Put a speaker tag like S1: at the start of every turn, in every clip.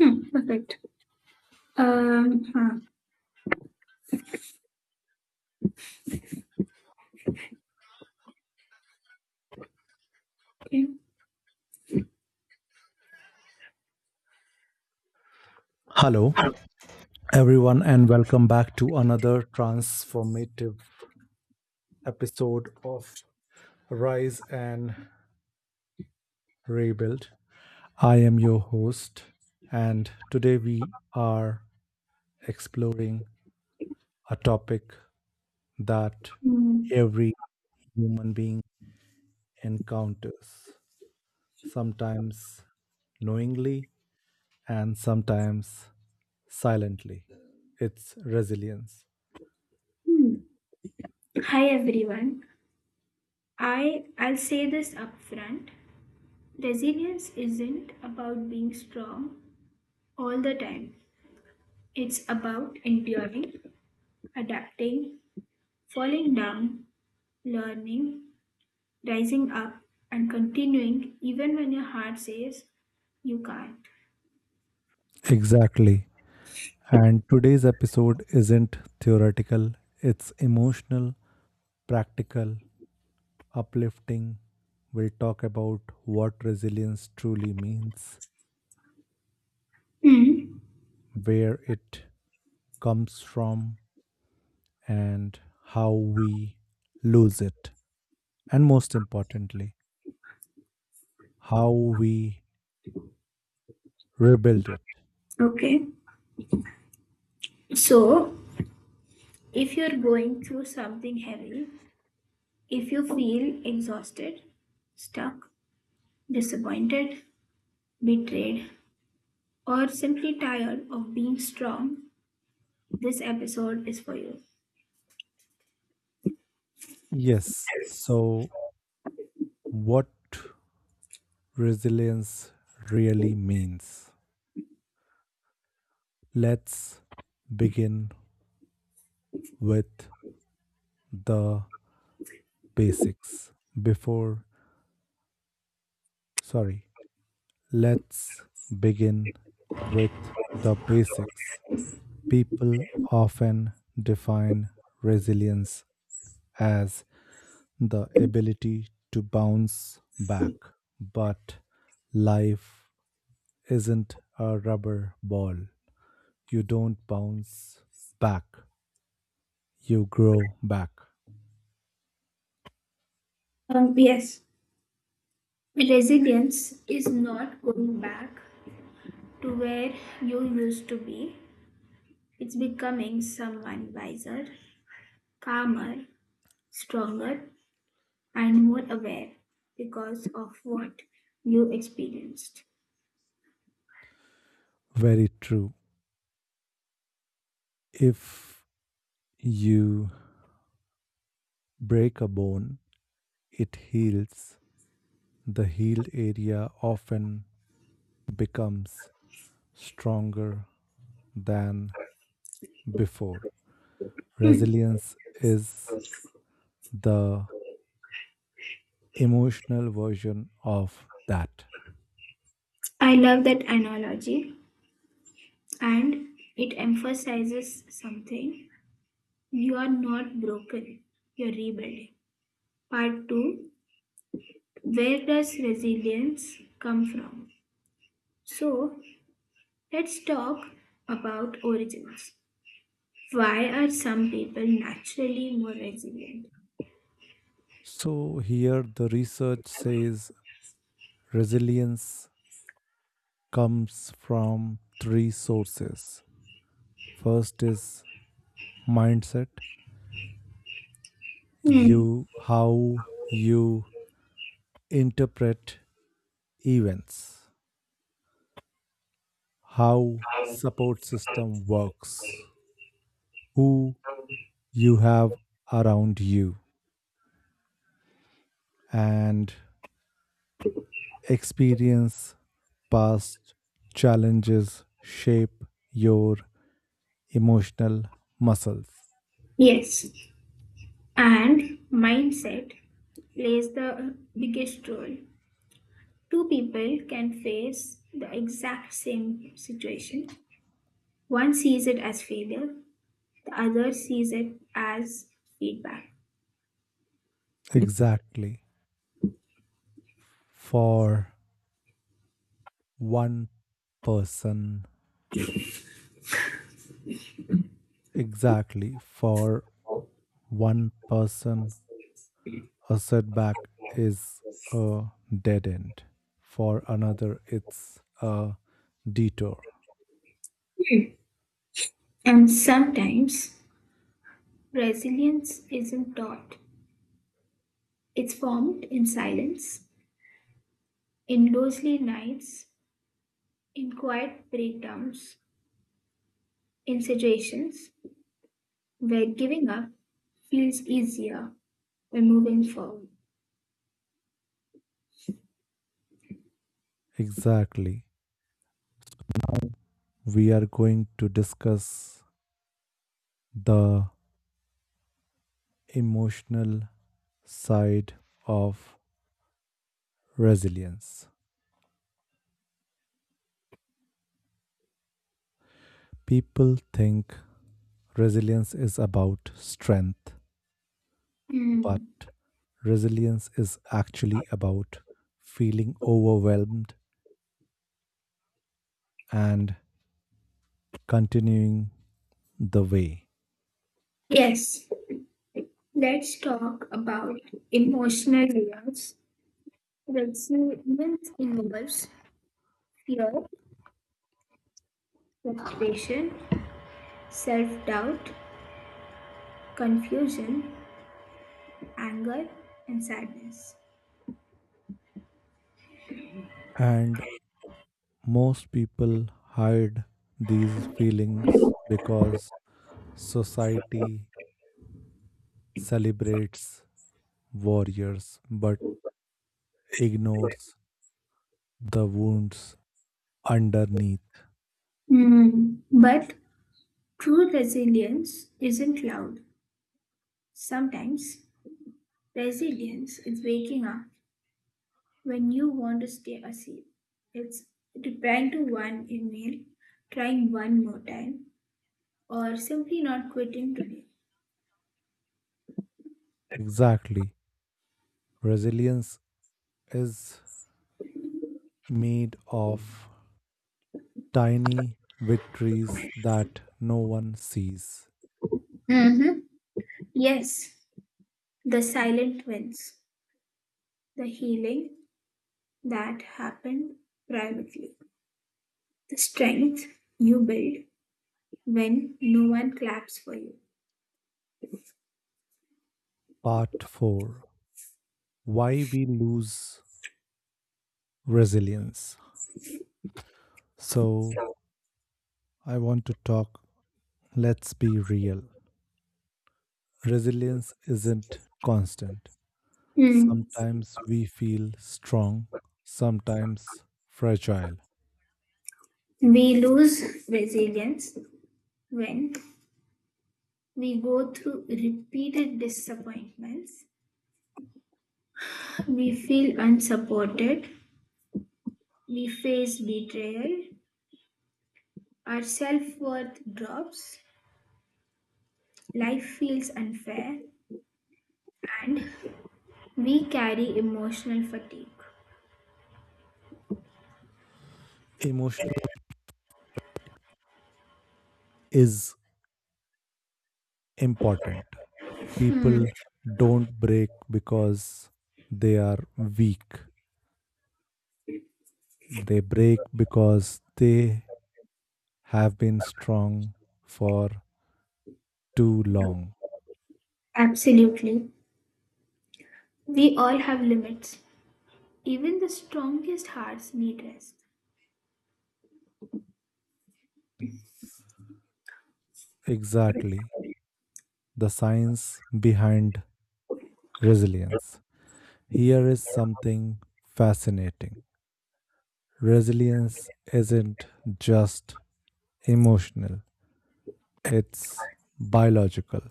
S1: Hmm, perfect. Um, huh, okay.
S2: Hello, everyone, and welcome back to another transformative episode of Rise and Rebuild. I am your host, and today we are exploring a topic that
S1: Hmm,
S2: every human being encounters, sometimes knowingly and sometimes silently. It's resilience.
S1: hmm. Hi everyone. I'll say this upfront. Resilience isn't about being strong all the time. It's about enduring, adapting, falling down, learning, rising up, and continuing even when your heart says you can't.
S2: Exactly. And today's episode isn't theoretical, it's emotional, practical, uplifting. We'll talk about what resilience truly means,
S1: Hmm.
S2: where it comes from, and how we lose it. And most importantly, how we rebuild it.
S1: Okay. So, if you're going through something heavy, if you feel exhausted, stuck, disappointed, betrayed, or simply tired of being strong, this episode is for you.
S2: Yes, so what resilience really means. Let's begin with the basics before, sorry, let's begin with the basics. People often define resilience as the ability to bounce back, but life isn't a rubber ball. You don't bounce back, you grow back.
S1: Yes, resilience is not going back to where you used to be, it's becoming someone wiser, calmer, stronger, and more aware because of what you experienced.
S2: Very true. If you break a bone, it heals. The healed area often becomes stronger than before.
S1: Hmm.
S2: Resilience is the emotional version of that.
S1: I love that analogy, and it emphasizes something: you are not broken, you're rebuilding. Part 2. Where does resilience come from? So, let's talk about origins. Why are some people naturally more resilient?
S2: So, here the research says resilience comes from three sources. First is mindset,
S1: Hmm.
S2: you how you interpret events, how support system works, who you have around you, and experience past challenges shape your emotional muscles.
S1: Yes, and mindset plays the biggest role. Two people can face the exact same situation. One sees it as failure, the other sees it as feedback.
S2: exactly for one person exactly, for one person a setback is a dead end, for another it's a detour.
S1: And sometimes, resilience isn't taught, it's formed in silence, in lonely nights, in quiet breakdowns, in situations where giving up feels easier than moving forward.
S2: Exactly, we are going to discuss the emotional side of resilience. People think resilience is about strength, but
S1: Hmm.
S2: resilience is actually about feeling overwhelmed and continuing the way.
S1: Yes, let's talk about emotional layers. Resilience involves fear, frustration, self doubt, confusion, anger, and sadness.
S2: And most people hide these feelings because society celebrates warriors but ignores the wounds underneath.
S1: Hmm. But true resilience isn't loud. Sometimes resilience is waking up when you want to stay asleep. It's replying to one email, trying one more time, or simply not quitting today.
S2: Exactly. Resilience is made of tiny victories that no one sees.
S1: Mm-hmm. Yes, the silent wins, the healing that happened privately, the strength you build when no one claps for you.
S2: Part 4, why we lose resilience. So, I want to talk, Let's be real. Resilience isn't constant. Sometimes we feel strong, sometimes fragile.
S1: We lose resilience when we go through repeated disappointments, we feel unsupported, we face betrayal, our self worth drops, life feels unfair, and we carry emotional fatigue.
S2: Emotional is important.
S1: Hmm.
S2: People don't break because they are weak. They break because they have been strong for too long.
S1: Absolutely. We all have limits. Even the strongest hearts need rest.
S2: Exactly. The science behind resilience. Here is something fascinating. Resilience isn't just emotional, it's biological.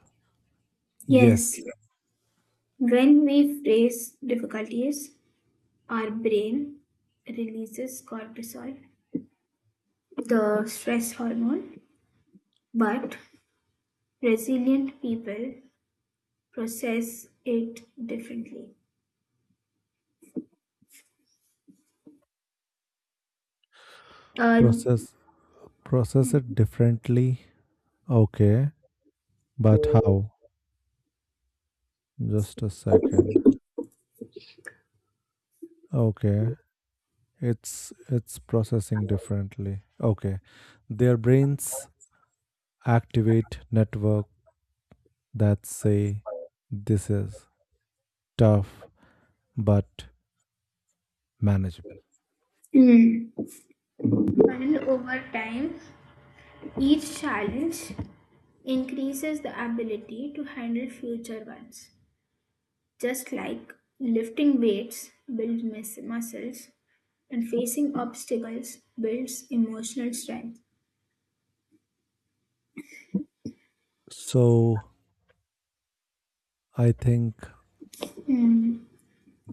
S2: Yes,
S1: Yes, when we face difficulties, our brain releases cortisol, the stress hormone, but resilient people process it differently. Uh,
S2: process process it differently. Okay, but how? Just a second. Okay. It's processing differently. Okay. Their brains activate network that say this is tough but manageable.
S1: Mm. And over time, each challenge increases the ability to handle future ones. Just like lifting weights builds muscles and facing obstacles builds emotional strength.
S2: So I think
S1: Mm.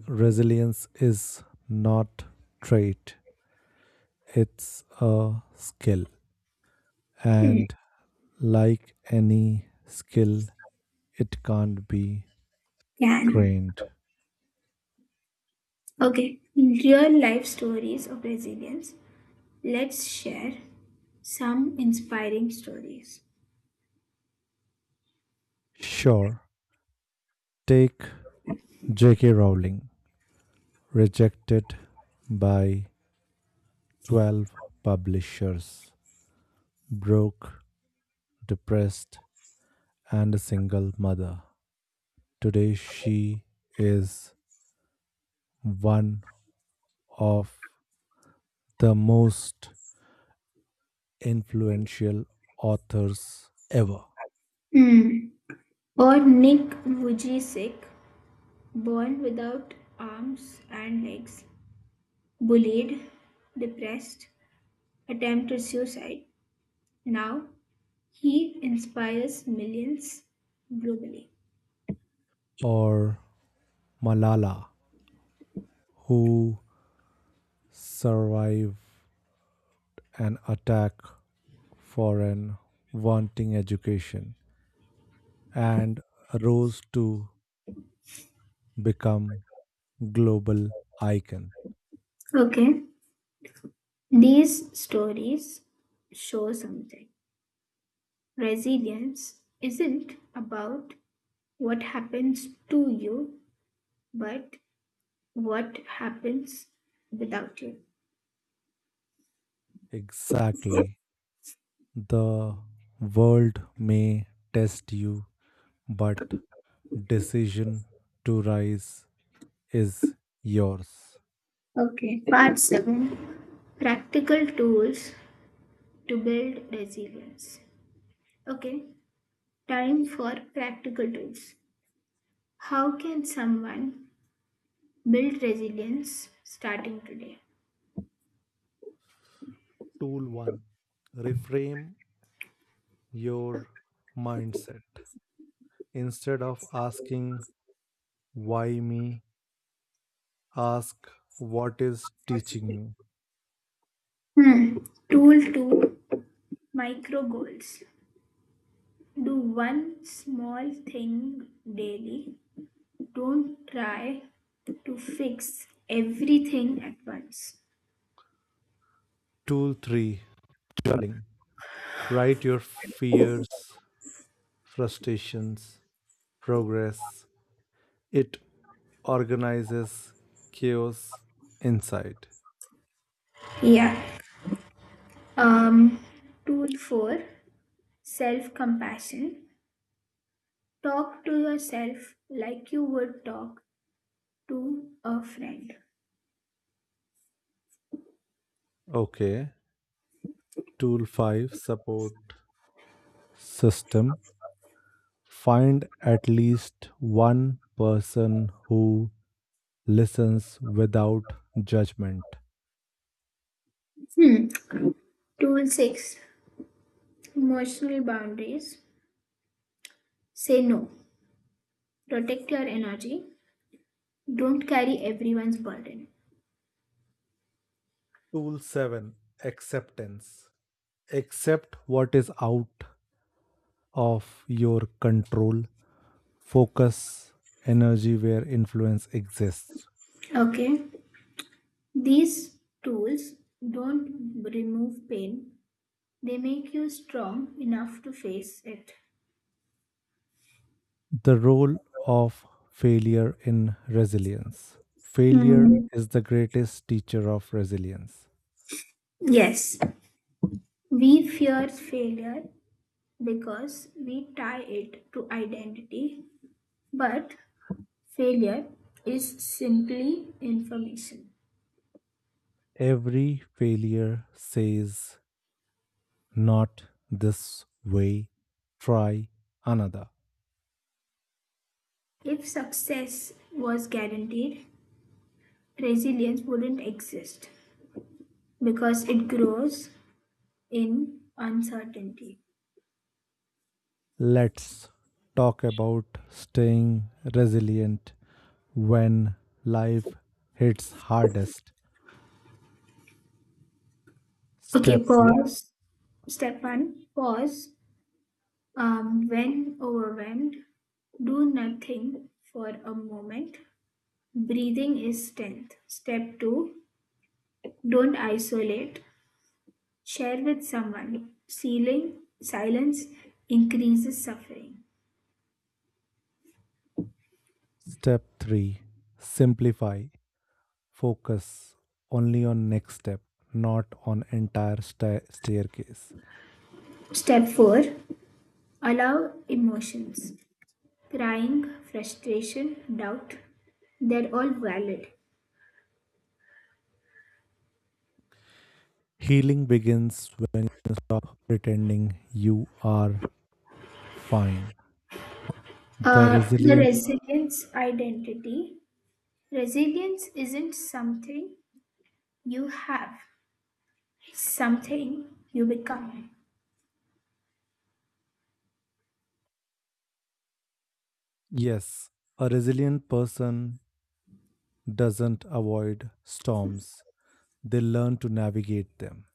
S2: resilience is not trait. It's a skill.
S1: Mm.
S2: And like any skill, it can't be
S1: Yeah.
S2: trained.
S1: Okay, real life stories of resilience. Let's share some inspiring stories.
S2: Sure. Take J.K. Rowling, rejected by 12 publishers, broke, depressed, and a single mother. Today, she is one of the most influential authors ever.
S1: Hmm. Or Nick Vujicic, born without arms and legs, bullied, depressed, attempted suicide. Now he inspires millions globally.
S2: Or Malala, who survived an attack for an wanting education and rose to become global icon.
S1: Okay, these stories show something. Resilience isn't about what happens to you, but what happens without you?
S2: Exactly. The world may test you, but decision to rise is yours.
S1: Okay, part 7. Practical Tools to Build Resilience. Okay, time for practical tools. How can someone build resilience starting today?
S2: Tool 1, reframe your mindset. Instead of asking, "Why me?" ask, "What is teaching me?"
S1: Hmm. Tool 2. Micro Goals. Do one small thing daily. Don't try to fix everything at once.
S2: Tool 3, journaling. Write your fears, frustrations, progress. It organizes chaos inside.
S1: Yeah. Um, tool four, self compassion. Talk to yourself like you would talk to a friend.
S2: Okay. Tool 5, support system. Find at least one person who listens without judgment.
S1: Hmm. Tool six, emotional boundaries. Say no. Protect your energy. Don't carry everyone's burden.
S2: Tool 7, acceptance. Accept what is out of your control. Focus energy where influence exists.
S1: Okay. These tools don't remove pain, they make you strong enough to face it.
S2: The role of failure in resilience. Failure
S1: Hmm.
S2: is the greatest teacher of resilience.
S1: Yes. We fear failure because we tie it to identity, but failure is simply information.
S2: Every failure says, not this way, try another.
S1: If success was guaranteed, resilience wouldn't exist because it grows in uncertainty.
S2: Let's talk about staying resilient when life hits hardest. Step
S1: Okay,
S2: one.
S1: pause. Step one, pause. When overwhelmed, do nothing for a moment. Breathing is strength. Step two, don't isolate. Share with someone. Sealing, silence increases suffering.
S2: Step 3, simplify. Focus only on next step, not on entire staircase.
S1: Step 4. Allow emotions. Crying, frustration, doubt, they're all valid.
S2: Healing begins when you stop pretending you are fine. The
S1: The
S2: resilient,
S1: resilience identity. Resilience isn't something you have, it's something you become.
S2: yes, a resilient person doesn't avoid storms, they learn to navigate them.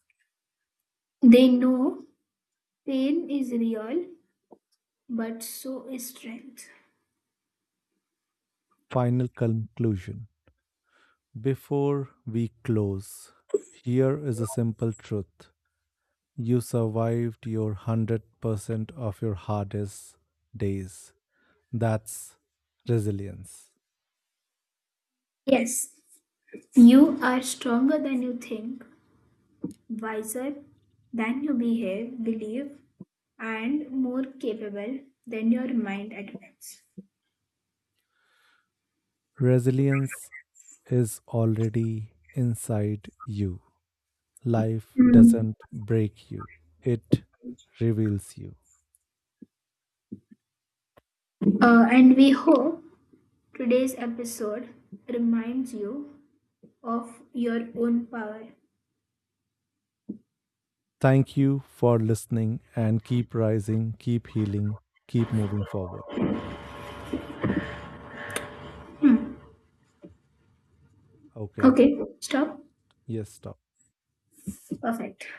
S1: They know pain is real, but so is strength.
S2: Final conclusion. Before we close, here is a simple truth. You survived your 100% of your hardest days. That's resilience.
S1: Yes, you are stronger than you think, wiser than you believe, and more capable than your mind admits.
S2: Resilience is already inside you. Life
S1: Hmm.
S2: doesn't break you, it reveals you.
S1: And we hope today's episode reminds you of your own power.
S2: Thank you for listening and keep rising, keep healing, keep moving forward. Okay.
S1: Okay, stop.
S2: Yes, stop.
S1: Perfect.